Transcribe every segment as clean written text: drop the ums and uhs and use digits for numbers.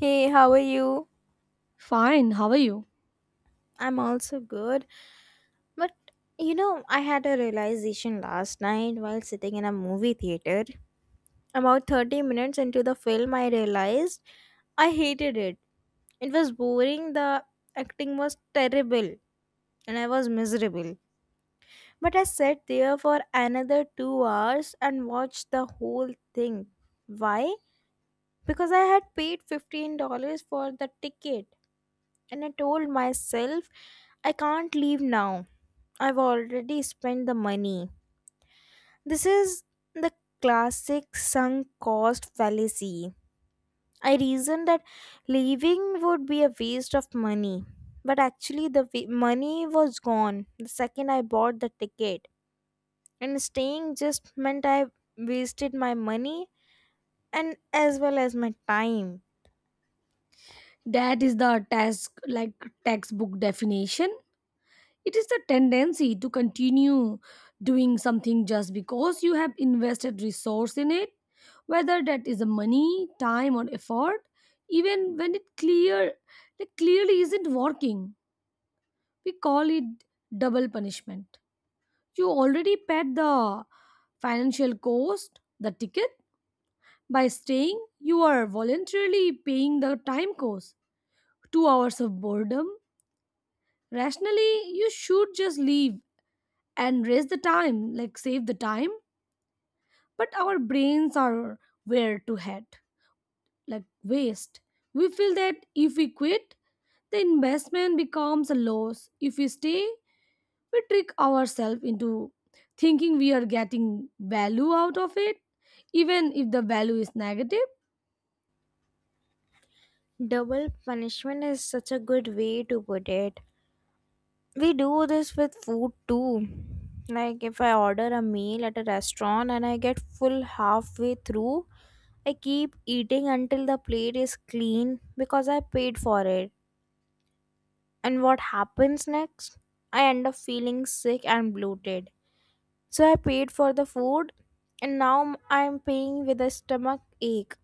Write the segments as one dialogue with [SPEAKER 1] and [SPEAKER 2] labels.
[SPEAKER 1] Hey, how are you?
[SPEAKER 2] Fine, how are you?
[SPEAKER 1] I'm also good. But you know, I had a realization last night while sitting in a movie theater. About 30 minutes into the film, I realized I hated it. It was boring, the acting was terrible, and I was miserable. But I sat there for another 2 hours and watched the whole thing. Why? Because I had paid $15 for the ticket. And I told myself, I can't leave now. I've already spent the money. This is the classic sunk cost fallacy. I reasoned that leaving would be a waste of money. But actually, money was gone the second I bought the ticket. And staying just meant I wasted my money and as well as my time.
[SPEAKER 2] That is the task, like textbook definition. It is the tendency to continue doing something just because you have invested resource in it, whether that is money, time, or effort, even when it clear, like clearly isn't working. We call it double punishment. You already paid the financial cost, the ticket. By staying, you are voluntarily paying the time cost, 2 hours of boredom. Rationally you should just leave and raise the time, like save the time. But our brains are where to head, like waste. We feel that if we quit the investment becomes a loss. If we stay, we trick ourselves into thinking we are getting value out of it, even if the value is negative.
[SPEAKER 1] Double punishment is such a good way to put it. We do this with food too. Like if I order a meal at a restaurant and I get full halfway through, I keep eating until the plate is clean because I paid for it. And what happens next? I end up feeling sick and bloated. So I paid for the food and now I'm paying with a stomach ache.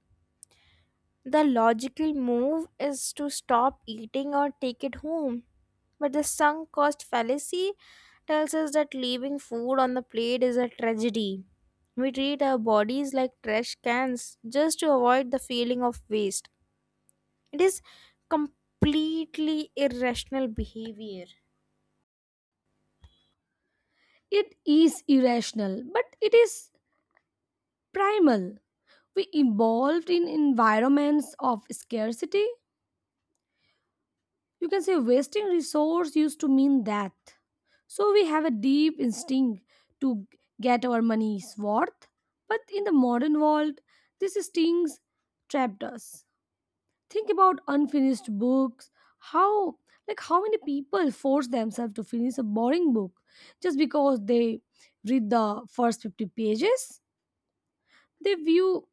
[SPEAKER 1] The logical move is to stop eating or take it home. But the sunk cost fallacy tells us that leaving food on the plate is a tragedy. We treat our bodies like trash cans just to avoid the feeling of waste. It is completely irrational behavior.
[SPEAKER 2] It is irrational, but it is primal. We evolved in environments of scarcity. You can say wasting resource used to mean death, so we have a deep instinct to get our money's worth. But in the modern world this stings, trapped us. Think about unfinished books, how like how many people force themselves to finish a boring book just because they read the first 50 pages. They view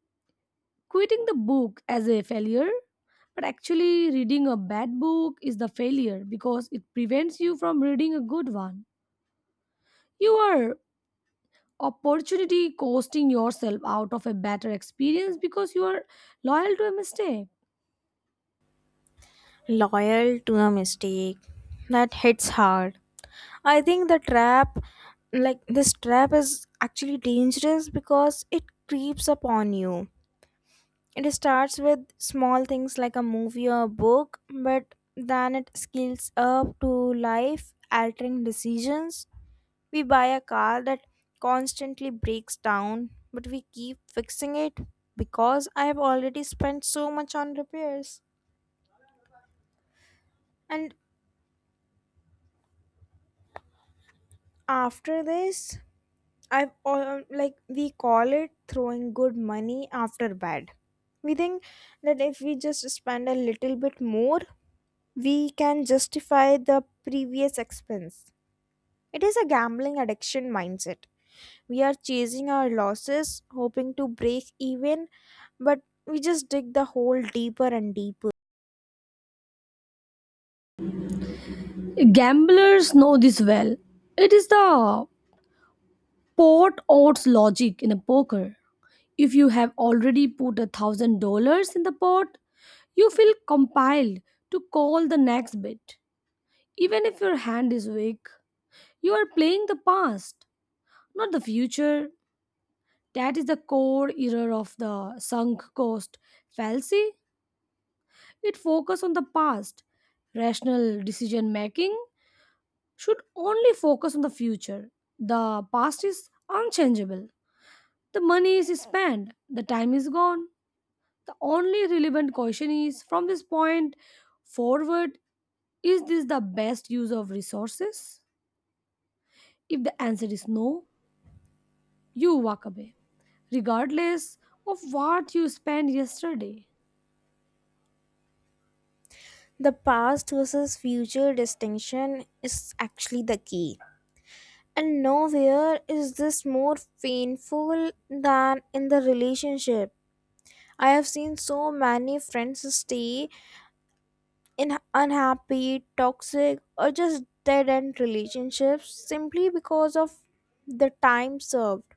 [SPEAKER 2] quitting the book as a failure, but actually reading a bad book is the failure because it prevents you from reading a good one. You are opportunity costing yourself out of a better experience because you are loyal to a mistake.
[SPEAKER 1] Loyal to a mistake, that hits hard. I think the trap, like this trap, is actually dangerous because it creeps upon you. It starts with small things like a movie or a book, but then it scales up to life altering decisions. We buy a car that constantly breaks down, but we keep fixing it because I have already spent so much on repairs. And after this, I've all, like we call it throwing good money after bad. We think that if we just spend a little bit more, we can justify the previous expense. It is a gambling addiction mindset. We are chasing our losses, hoping to break even, but we just dig the hole deeper and deeper.
[SPEAKER 2] Gamblers know this well. It is the pot odds logic in a poker. If you have already put $1,000 in the pot, you feel compelled to call the next bet even if your hand is weak. You are playing the past, not the future. That is the core error of the sunk cost fallacy. It focuses on the past. Rational decision making should only focus on the future. The past is unchangeable. The money is spent, the time is gone. The only relevant question is from this point forward, is this the best use of resources? If the answer is no, you walk away, regardless of what you spent yesterday.
[SPEAKER 1] The past versus future distinction is actually the key. And nowhere is this more painful than in the relationship. I have seen so many friends stay in unhappy, toxic, or just dead end relationships simply because of the time served.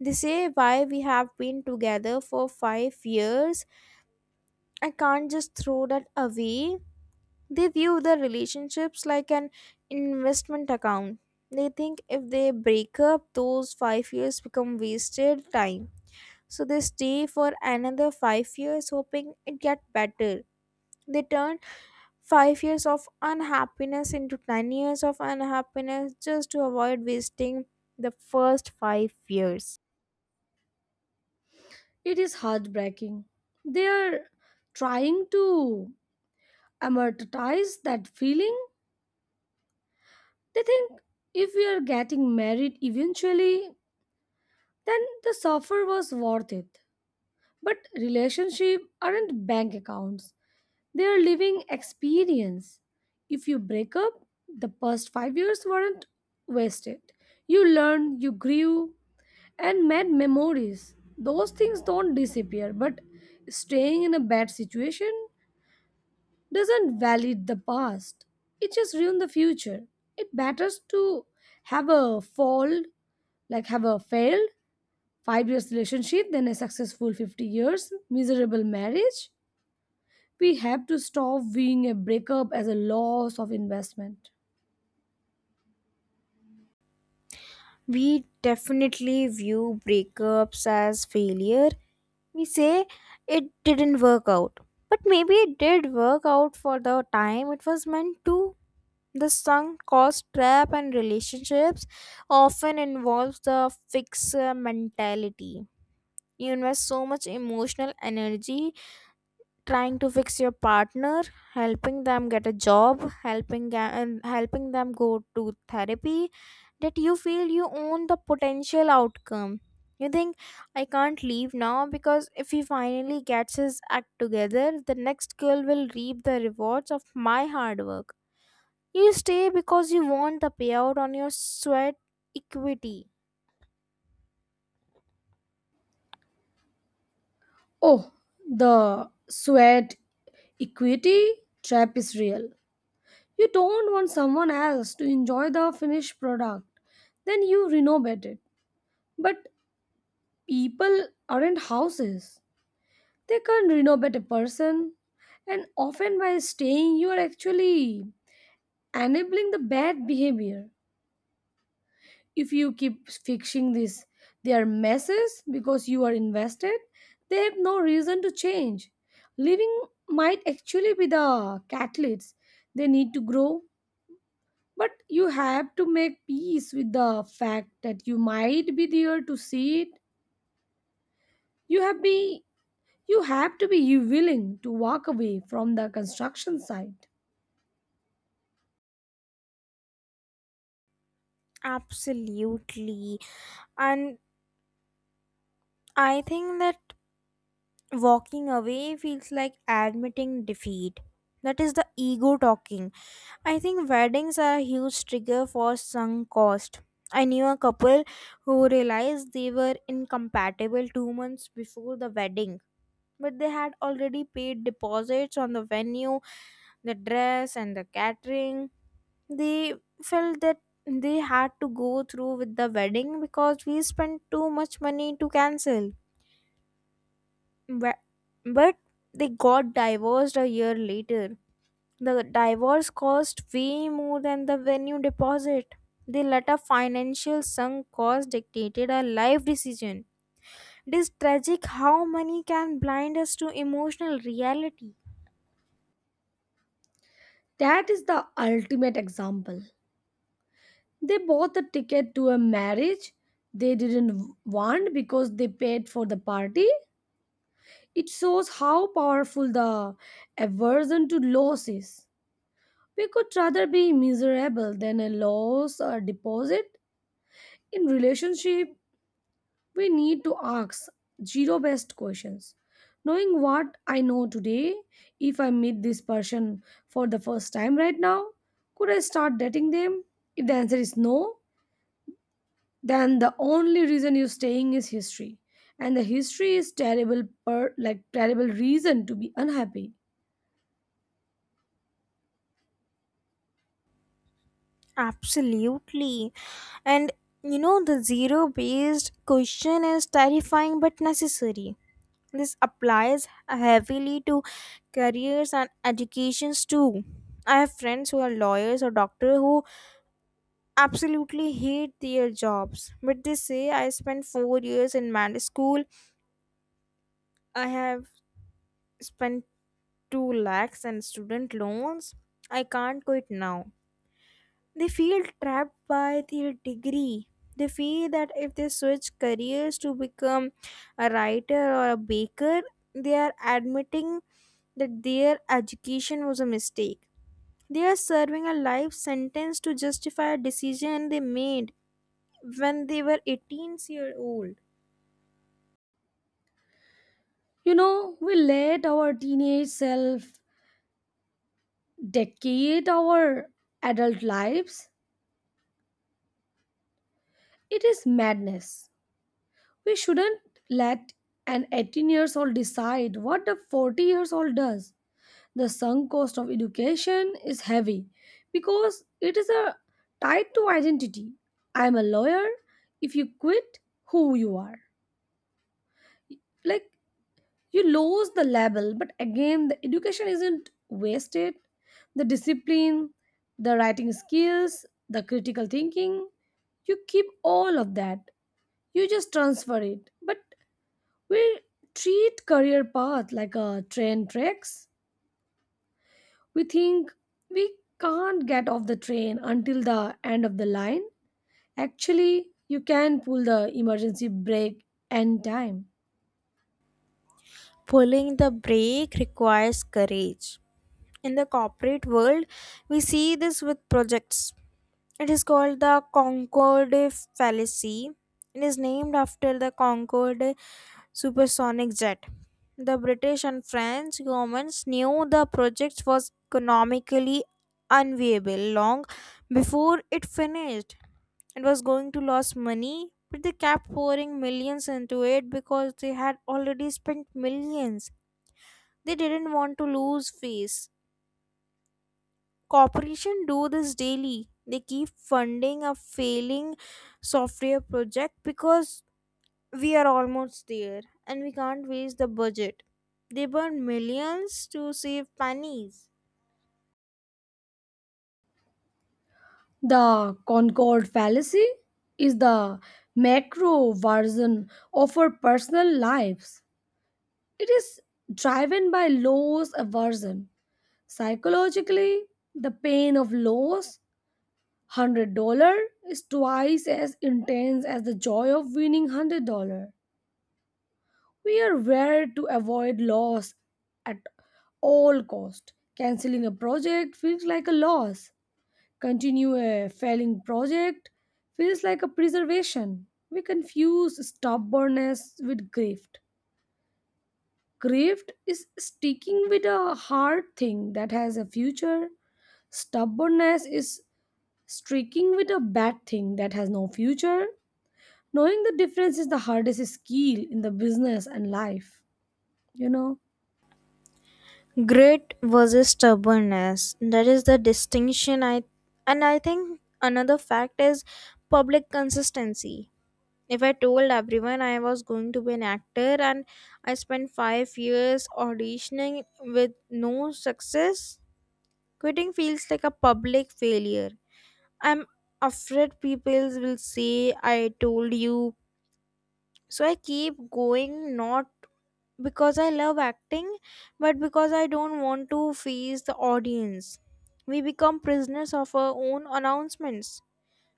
[SPEAKER 1] They say why we have been together for 5 years. I can't just throw that away. They view the relationships like an investment account. They think if they break up, those 5 years become wasted time. So they stay for another 5 years hoping it get better. They turn 5 years of unhappiness into 10 years of unhappiness just to avoid wasting the first 5 years.
[SPEAKER 2] It is heartbreaking. They are trying to amortize that feeling. They think if we are getting married eventually, then the suffer was worth it. But relationship aren't bank accounts. They are living experience. If you break up, the past 5 years weren't wasted. You learn, you grew, and made memories. Those things don't disappear, but staying in a bad situation doesn't validate the past. It just ruins the future. It matters to have a fall, like have a failed 5 years relationship, then a successful 50 years, miserable marriage. We have to stop viewing a breakup as a loss of investment.
[SPEAKER 1] We definitely view breakups as failure. We say it didn't work out. But maybe it did work out for the time it was meant to. The sunk cost trap and relationships often involves the fixer mentality. You invest so much emotional energy trying to fix your partner, helping them get a job, and helping them go to therapy, that you feel you own the potential outcome. You think, I can't leave now because if he finally gets his act together, the next girl will reap the rewards of my hard work. You stay because you want the payout on your sweat equity.
[SPEAKER 2] Oh, the sweat equity trap is real. You don't want someone else to enjoy the finished product. Then you renovate it. But people aren't houses. They can't renovate a person. And often by staying, you are actually enabling the bad behavior. If you keep fixing this, their messes because you are invested, they have no reason to change. Living might actually be the catalyst they need to grow. But you have to make peace with the fact that you might be there to see it. You have be you have to be willing to walk away from the construction site.
[SPEAKER 1] Absolutely. And I think that walking away feels like admitting defeat. That is the ego talking. I think weddings are a huge trigger for sunk cost. I knew a couple who realized they were incompatible 2 months before the wedding, but they had already paid deposits on the venue, the dress, and the catering. They felt that they had to go through with the wedding because we spent too much money to cancel. But, but they got divorced a year later. The divorce cost way more than the venue deposit. The latter financial sunk cost dictated a life decision. It is tragic how money can blind us to emotional reality.
[SPEAKER 2] That is the ultimate example. They bought a ticket to a marriage they didn't want because they paid for the party. It shows how powerful the aversion to loss is. We could rather be miserable than a loss or deposit in relationship. We need to ask zero based questions. Knowing what I know today, if I meet this person for the first time right now, could I start dating them? If the answer is no, then the only reason you're staying is history. And the history is terrible, per like terrible reason to be unhappy.
[SPEAKER 1] Absolutely. And you know, the zero based question is terrifying but necessary. This applies heavily to careers and educations too. I have friends who are lawyers or doctors who absolutely hate their jobs, but they say I spent 4 years in med school. I have spent two lakhs in student loans. I can't quit now. They feel trapped by their degree. They feel that if they switch careers to become a writer or a baker, they are admitting that their education was a mistake. They are serving a life sentence to justify a decision they made when they were 18 years old.
[SPEAKER 2] We let our teenage self decade our adult lives. It is madness. We shouldn't let an 18 years old decide what a 40 years old does. The sunk cost of education is heavy because it is a tied to identity. I am a lawyer. If you quit, who you are. Like you lose the label, but again, the education isn't wasted. The discipline, the writing skills, the critical thinking, you keep all of that. You just transfer it. But we treat career path like a train tracks. We think we can't get off the train until the end of the line. Actually, you can pull the emergency brake any time.
[SPEAKER 1] Pulling the brake requires courage. In the corporate world, we see this with projects. It is called the Concorde fallacy. It is named after the Concorde supersonic jet. The British and French governments knew the project was economically unviable long before it finished. It was going to lose money, but they kept pouring millions into it because they had already spent millions. They didn't want to lose face. Corporation do this daily. They keep funding a failing software project because we are almost there and we can't waste the budget. They burn millions to save pennies.
[SPEAKER 2] The Concord fallacy is the macro version of our personal lives. It is driven by loss aversion. Psychologically, the pain of loss $100 is twice as intense as the joy of winning $100. We are wired to avoid loss at all cost. Canceling a project feels like a loss. Continue a failing project feels like a preservation. We confuse stubbornness with grift. Grift is sticking with a hard thing that has a future. Stubbornness is sticking with a bad thing that has no future. Knowing the difference is the hardest skill in the business and life. You know,
[SPEAKER 1] Grit versus stubbornness, that is the distinction. I and I think another fact is public consistency. If I told everyone I was going to be an actor and I spent 5 years auditioning with no success, quitting feels like a public failure. I'm afraid people will say I told you. So I keep going not because I love acting, but because I don't want to face the audience. We become prisoners of our own announcements.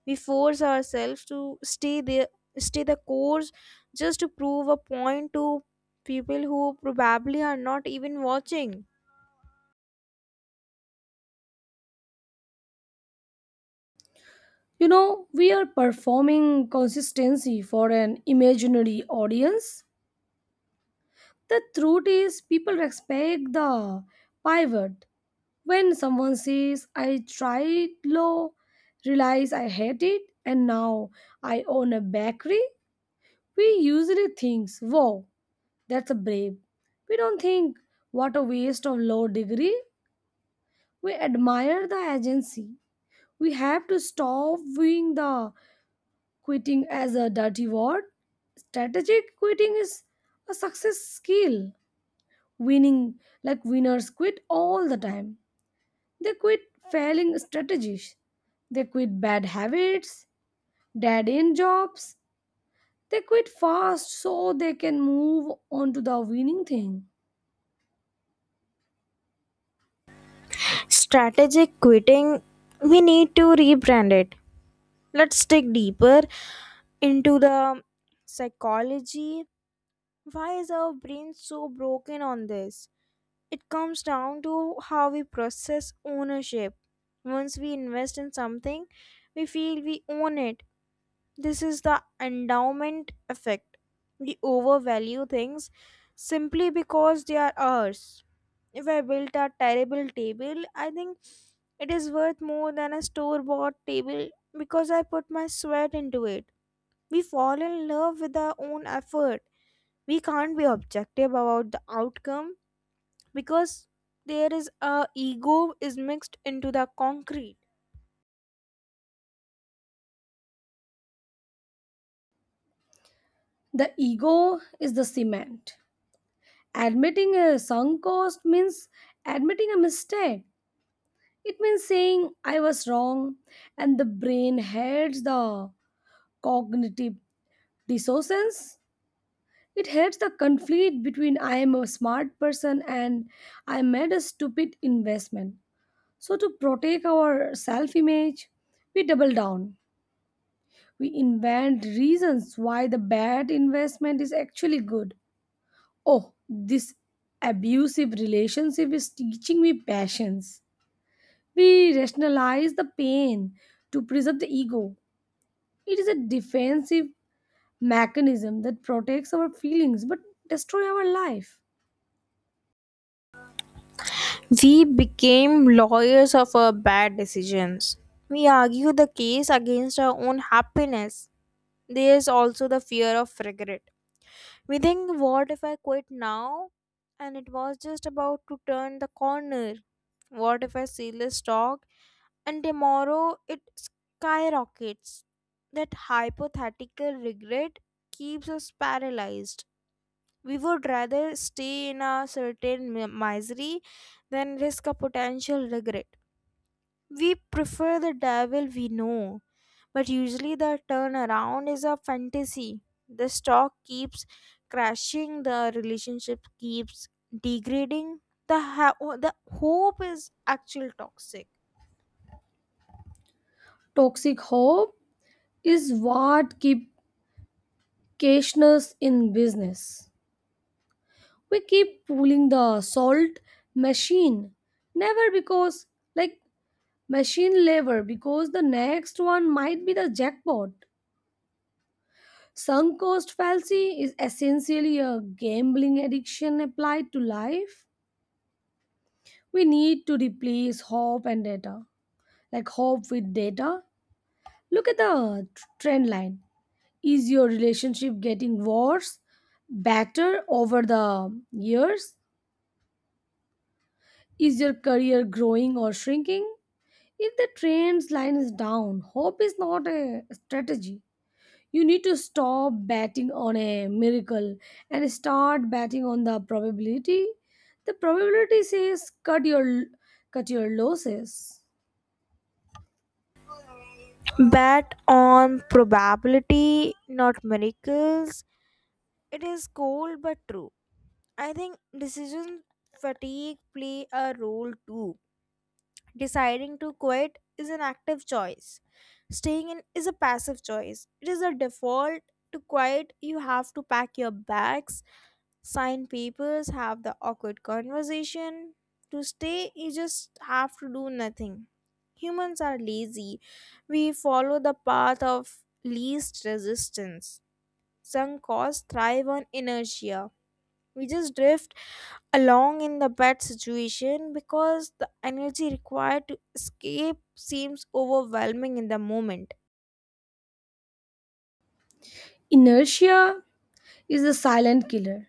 [SPEAKER 1] We force ourselves to stay there, stay the course, just to prove a point to people who probably are not even watching.
[SPEAKER 2] we are performing consistency for an imaginary audience. The truth is, people respect the pivot. When someone says, "I tried low, realize I hate it, and now I own a bakery," we usually think, "Wow, that's a brave." We don't think, "What a waste of low degree." We admire the agency. We have to stop viewing the quitting as a dirty word. Strategic quitting is a success skill. Winning, like winners quit all the time. They quit failing strategies. They quit bad habits, dead end jobs. They quit fast so they can move on to the winning thing.
[SPEAKER 1] Strategic quitting, we need to rebrand it. Let's dig deeper into the psychology. Why is our brain so broken on this? It comes down to how we process ownership. Once we invest in something, we feel we own it. This is the endowment effect. We overvalue things simply because they are ours. If I built a terrible table, I think it is worth more than a store bought table because I put my sweat into it. We fall in love with our own effort. We can't be objective about the outcome because there is a ego is mixed into the concrete.
[SPEAKER 2] The ego is the cement. Admitting a sunk cost means admitting a mistake. It means saying I was wrong, and the brain hates the cognitive dissonance. It hates the conflict between I am a smart person and I made a stupid investment. So, to protect our self image, we double down. We invent reasons why the bad investment is actually good. Oh, this abusive relationship is teaching me patience. We rationalize the pain to preserve the ego. It is a defensive mechanism that protects our feelings but destroys our life.
[SPEAKER 1] We became lawyers of our bad decisions. We argue the case against our own happiness. There is also the fear of regret. We think, what if I quit now? And it was just about to turn the corner. What if I sell this stock and tomorrow it skyrockets. That hypothetical regret keeps us paralyzed. We would rather stay in a certain misery than risk a potential regret. We prefer the devil we know, but usually the turnaround is a fantasy. The stock keeps crashing, the relationship keeps degrading, the hope is actually toxic.
[SPEAKER 2] Toxic hope is what keeps cashness in business. We keep pulling the salt machine, never because like machine lever because the next one might be the jackpot. Sunk cost fallacy is essentially a gambling addiction applied to life. We need to replace hope and data, like hope with data. Look at the trend line. Is your relationship getting worse, better over the years? Is your career growing or shrinking? If the trend line is down, hope is not a strategy. You need to stop betting on a miracle and start betting on the probability. The probability says cut your losses.
[SPEAKER 1] Bet on probability, not miracles. It is cold but true. I think decision fatigue play a role too. Deciding to quit is an active choice. Staying in is a passive choice. It is a default to quit. You have to pack your bags, sign papers, have the awkward conversation. To stay, you just have to do nothing. Humans are lazy. We follow the path of least resistance. Sunk costs thrive on inertia. We just drift along in the bad situation because the energy required to escape seems overwhelming in the moment.
[SPEAKER 2] Inertia is a silent killer.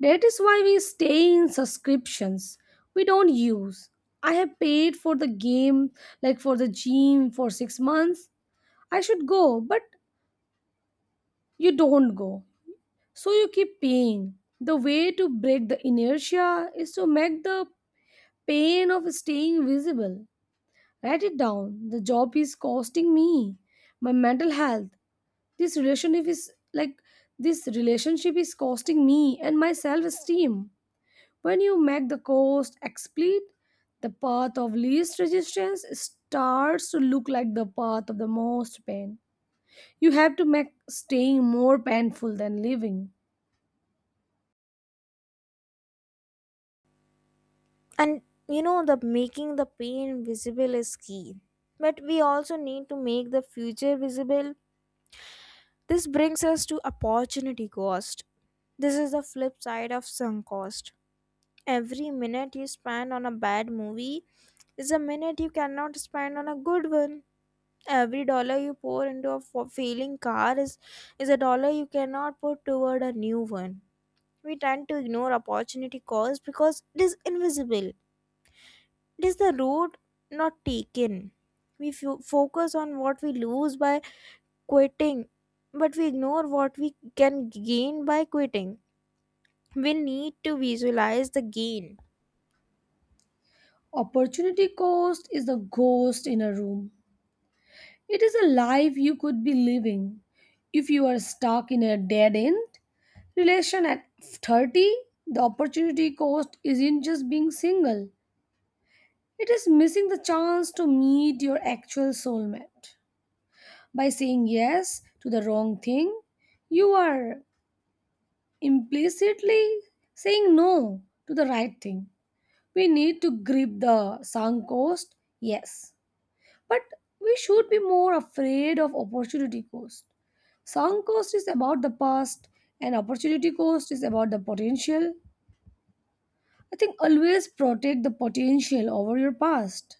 [SPEAKER 2] That is why we stay in subscriptions we don't use. I have paid for the game, like for the gym, for 6 months. I should go, but you don't go. So you keep paying. The way to break the inertia is to make the pain of staying visible. Write it down. The job is costing me. My mental health. This relationship is like this relationship is costing me and my self esteem. When you make the cost explicit, the path of least resistance starts to look like the path of the most pain. You have to make staying more painful than living.
[SPEAKER 1] And you know, the making the pain visible is key, but we also need to make the future visible. This brings us to opportunity cost. This is the flip side of sunk cost. Every minute you spend on a bad movie is a minute you cannot spend on a good one. Every dollar you pour into a failing car is a dollar you cannot put toward a new one. We tend to ignore opportunity cost because it is invisible. It is the road not taken. We focus on what we lose by quitting, but we ignore what we can gain by quitting. We need to visualize the gain.
[SPEAKER 2] Opportunity cost is the ghost in a room. It is a life you could be living. If you are stuck in a dead end relation at 30, the opportunity cost isn't just being single, it is missing the chance to meet your actual soulmate. By saying yes to the wrong thing, you are implicitly saying no to the right thing. We need to grip the sunk cost, yes, but we should be more afraid of opportunity cost. Sunk cost is about the past, and opportunity cost is about the potential. I think always protect the potential over your past.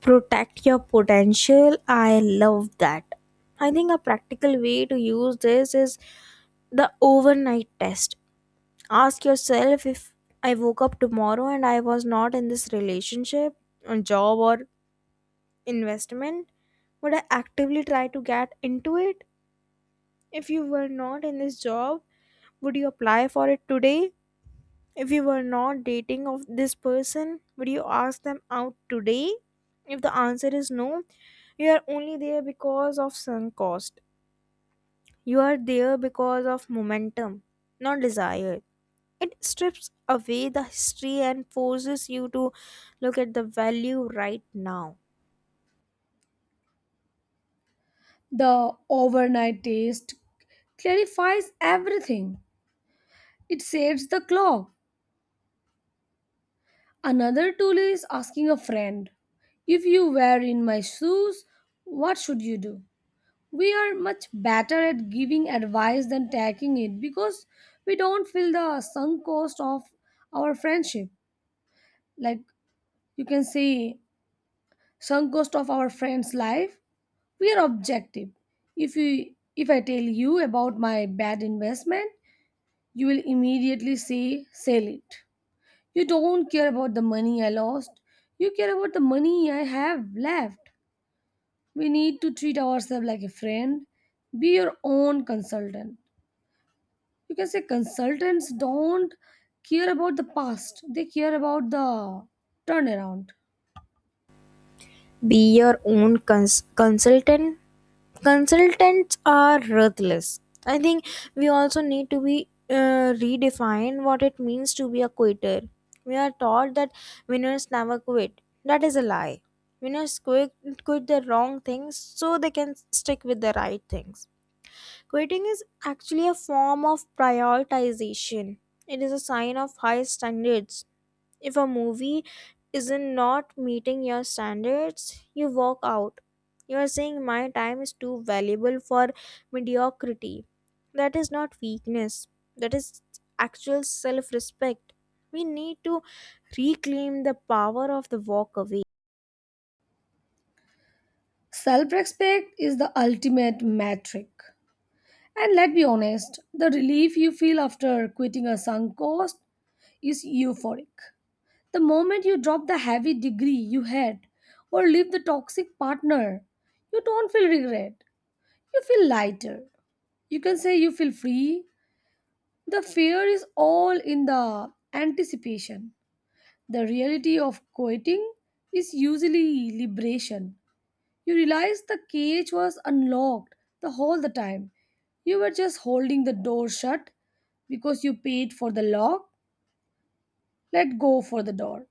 [SPEAKER 1] Protect your potential. I love that. I think a practical way to use this is the overnight test. Ask yourself, if I woke up tomorrow and I was not in this relationship, a job, or investment, would I actively try to get into it? If you were not in this job, would you apply for it today? If you were not dating of this person, would you ask them out today? If the answer is no, you are only there because of sunk cost. You are there because of momentum, not desire. It strips away the history and forces you to look at the value right now.
[SPEAKER 2] The overnight taste clarifies everything. It saves the clock. Another tool is asking a friend. If you were in my shoes, what should you do? We are much better at giving advice than taking it because we don't feel the sunk cost of our friendship. Like you can say, sunk cost of our friend's life. We are objective. If I tell you about my bad investment, you will immediately say sell it. You don't care about the money I lost. You care about the money I have left. We need to treat ourselves like a friend. Be your own consultant. You can say consultants don't care about the past, they care about the turnaround.
[SPEAKER 1] Be your own consultant. Consultants are ruthless. I think we also need to be redefine what it means to be a quitter. We are taught that winners never quit. That is a lie. Winners quit, quit the wrong things so they can stick with the right things. Quitting is actually a form of prioritization. It is a sign of high standards. If a movie isn't not meeting your standards, you walk out. You are saying my time is too valuable for mediocrity. That is not weakness. That is actual self-respect. We need to reclaim the power of the walk away.
[SPEAKER 2] Self respect is the ultimate metric. And let's be honest, the relief you feel after quitting a sunk cost is euphoric. The moment you drop the heavy degree you had or leave the toxic partner, you don't feel regret. You feel lighter. You can say you feel free. The fear is all in the anticipation. The reality of quitting is usually liberation. You realize the cage was unlocked the whole the time. You were just holding the door shut because you paid for the lock. Let go for the door.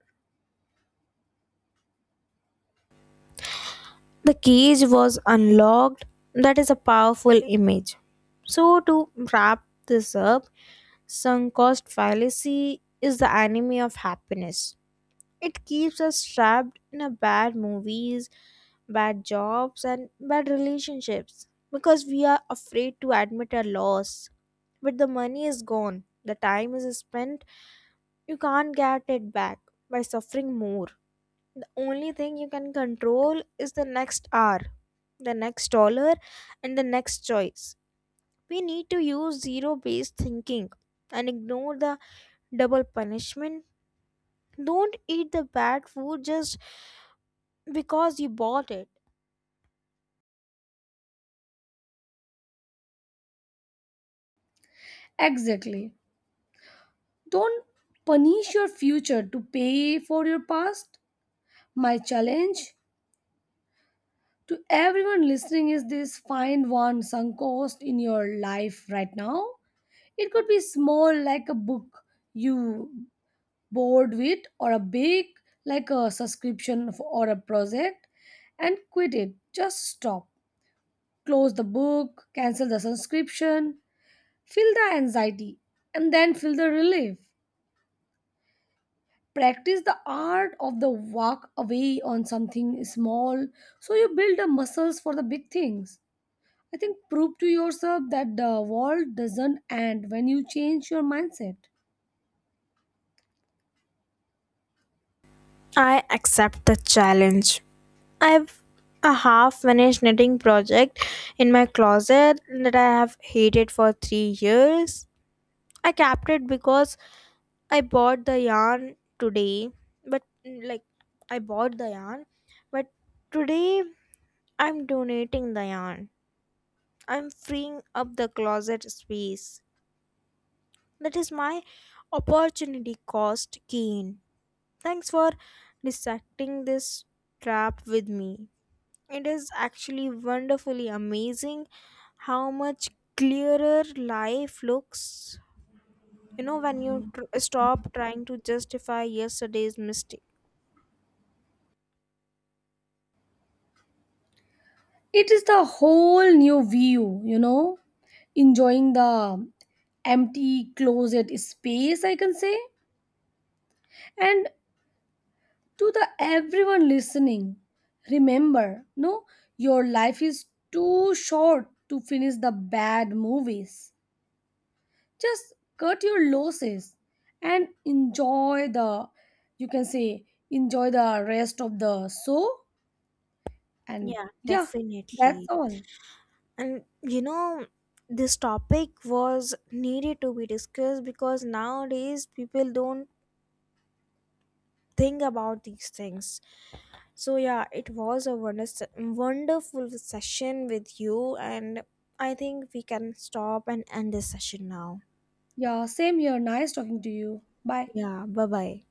[SPEAKER 1] The cage was unlocked. That is a powerful image. So, to wrap this up, sunk cost fallacy is the enemy of happiness. It keeps us trapped in a bad movies, bad jobs and bad relationships because we are afraid to admit our loss. But the money is gone. The time is spent. You can't get it back by suffering more. The only thing you can control is the next hour, the next dollar, and the next choice. We need to use zero based thinking and ignore the double punishment. Don't eat the bad food just because you bought it.
[SPEAKER 2] Exactly. Don't punish your future to pay for your past. My challenge to everyone listening is this find one sunk cost in your life right now. It could be small, like a book you bored with, or a big, like a subscription or a project, and quit it. Just stop. Close the book, cancel the subscription, feel the anxiety, and then feel the relief. Practice the art of the walk away on something small so you build the muscles for the big things. I think prove to yourself that the world doesn't end when you change your mindset.
[SPEAKER 1] I accept the challenge. I have a half finished knitting project in my closet that I have hated for 3 years. I kept it because I bought the yarn today, but I bought the yarn, but today I'm donating the yarn. I'm freeing up the closet space. That is my opportunity cost gain. Thanks for dissecting this trap with me. It is actually wonderfully amazing how much clearer life looks, you know, when you stop trying to justify yesterday's mistake.
[SPEAKER 2] It is the whole new view. Enjoying the empty closet space, I can say. And to the everyone listening, remember, no, your life is too short to finish the bad movies. Just cut your losses and enjoy the, you can say, enjoy the rest of the show. And
[SPEAKER 1] Yeah,
[SPEAKER 2] yeah, that's
[SPEAKER 1] definitely.
[SPEAKER 2] all.
[SPEAKER 1] And you know, this topic was needed to be discussed because nowadays people don't think about these things. So yeah, it was a wonderful session with you, and I think we can stop and end this session now.
[SPEAKER 2] Yeah, same here. Nice talking to you. Bye.
[SPEAKER 1] Yeah, bye bye.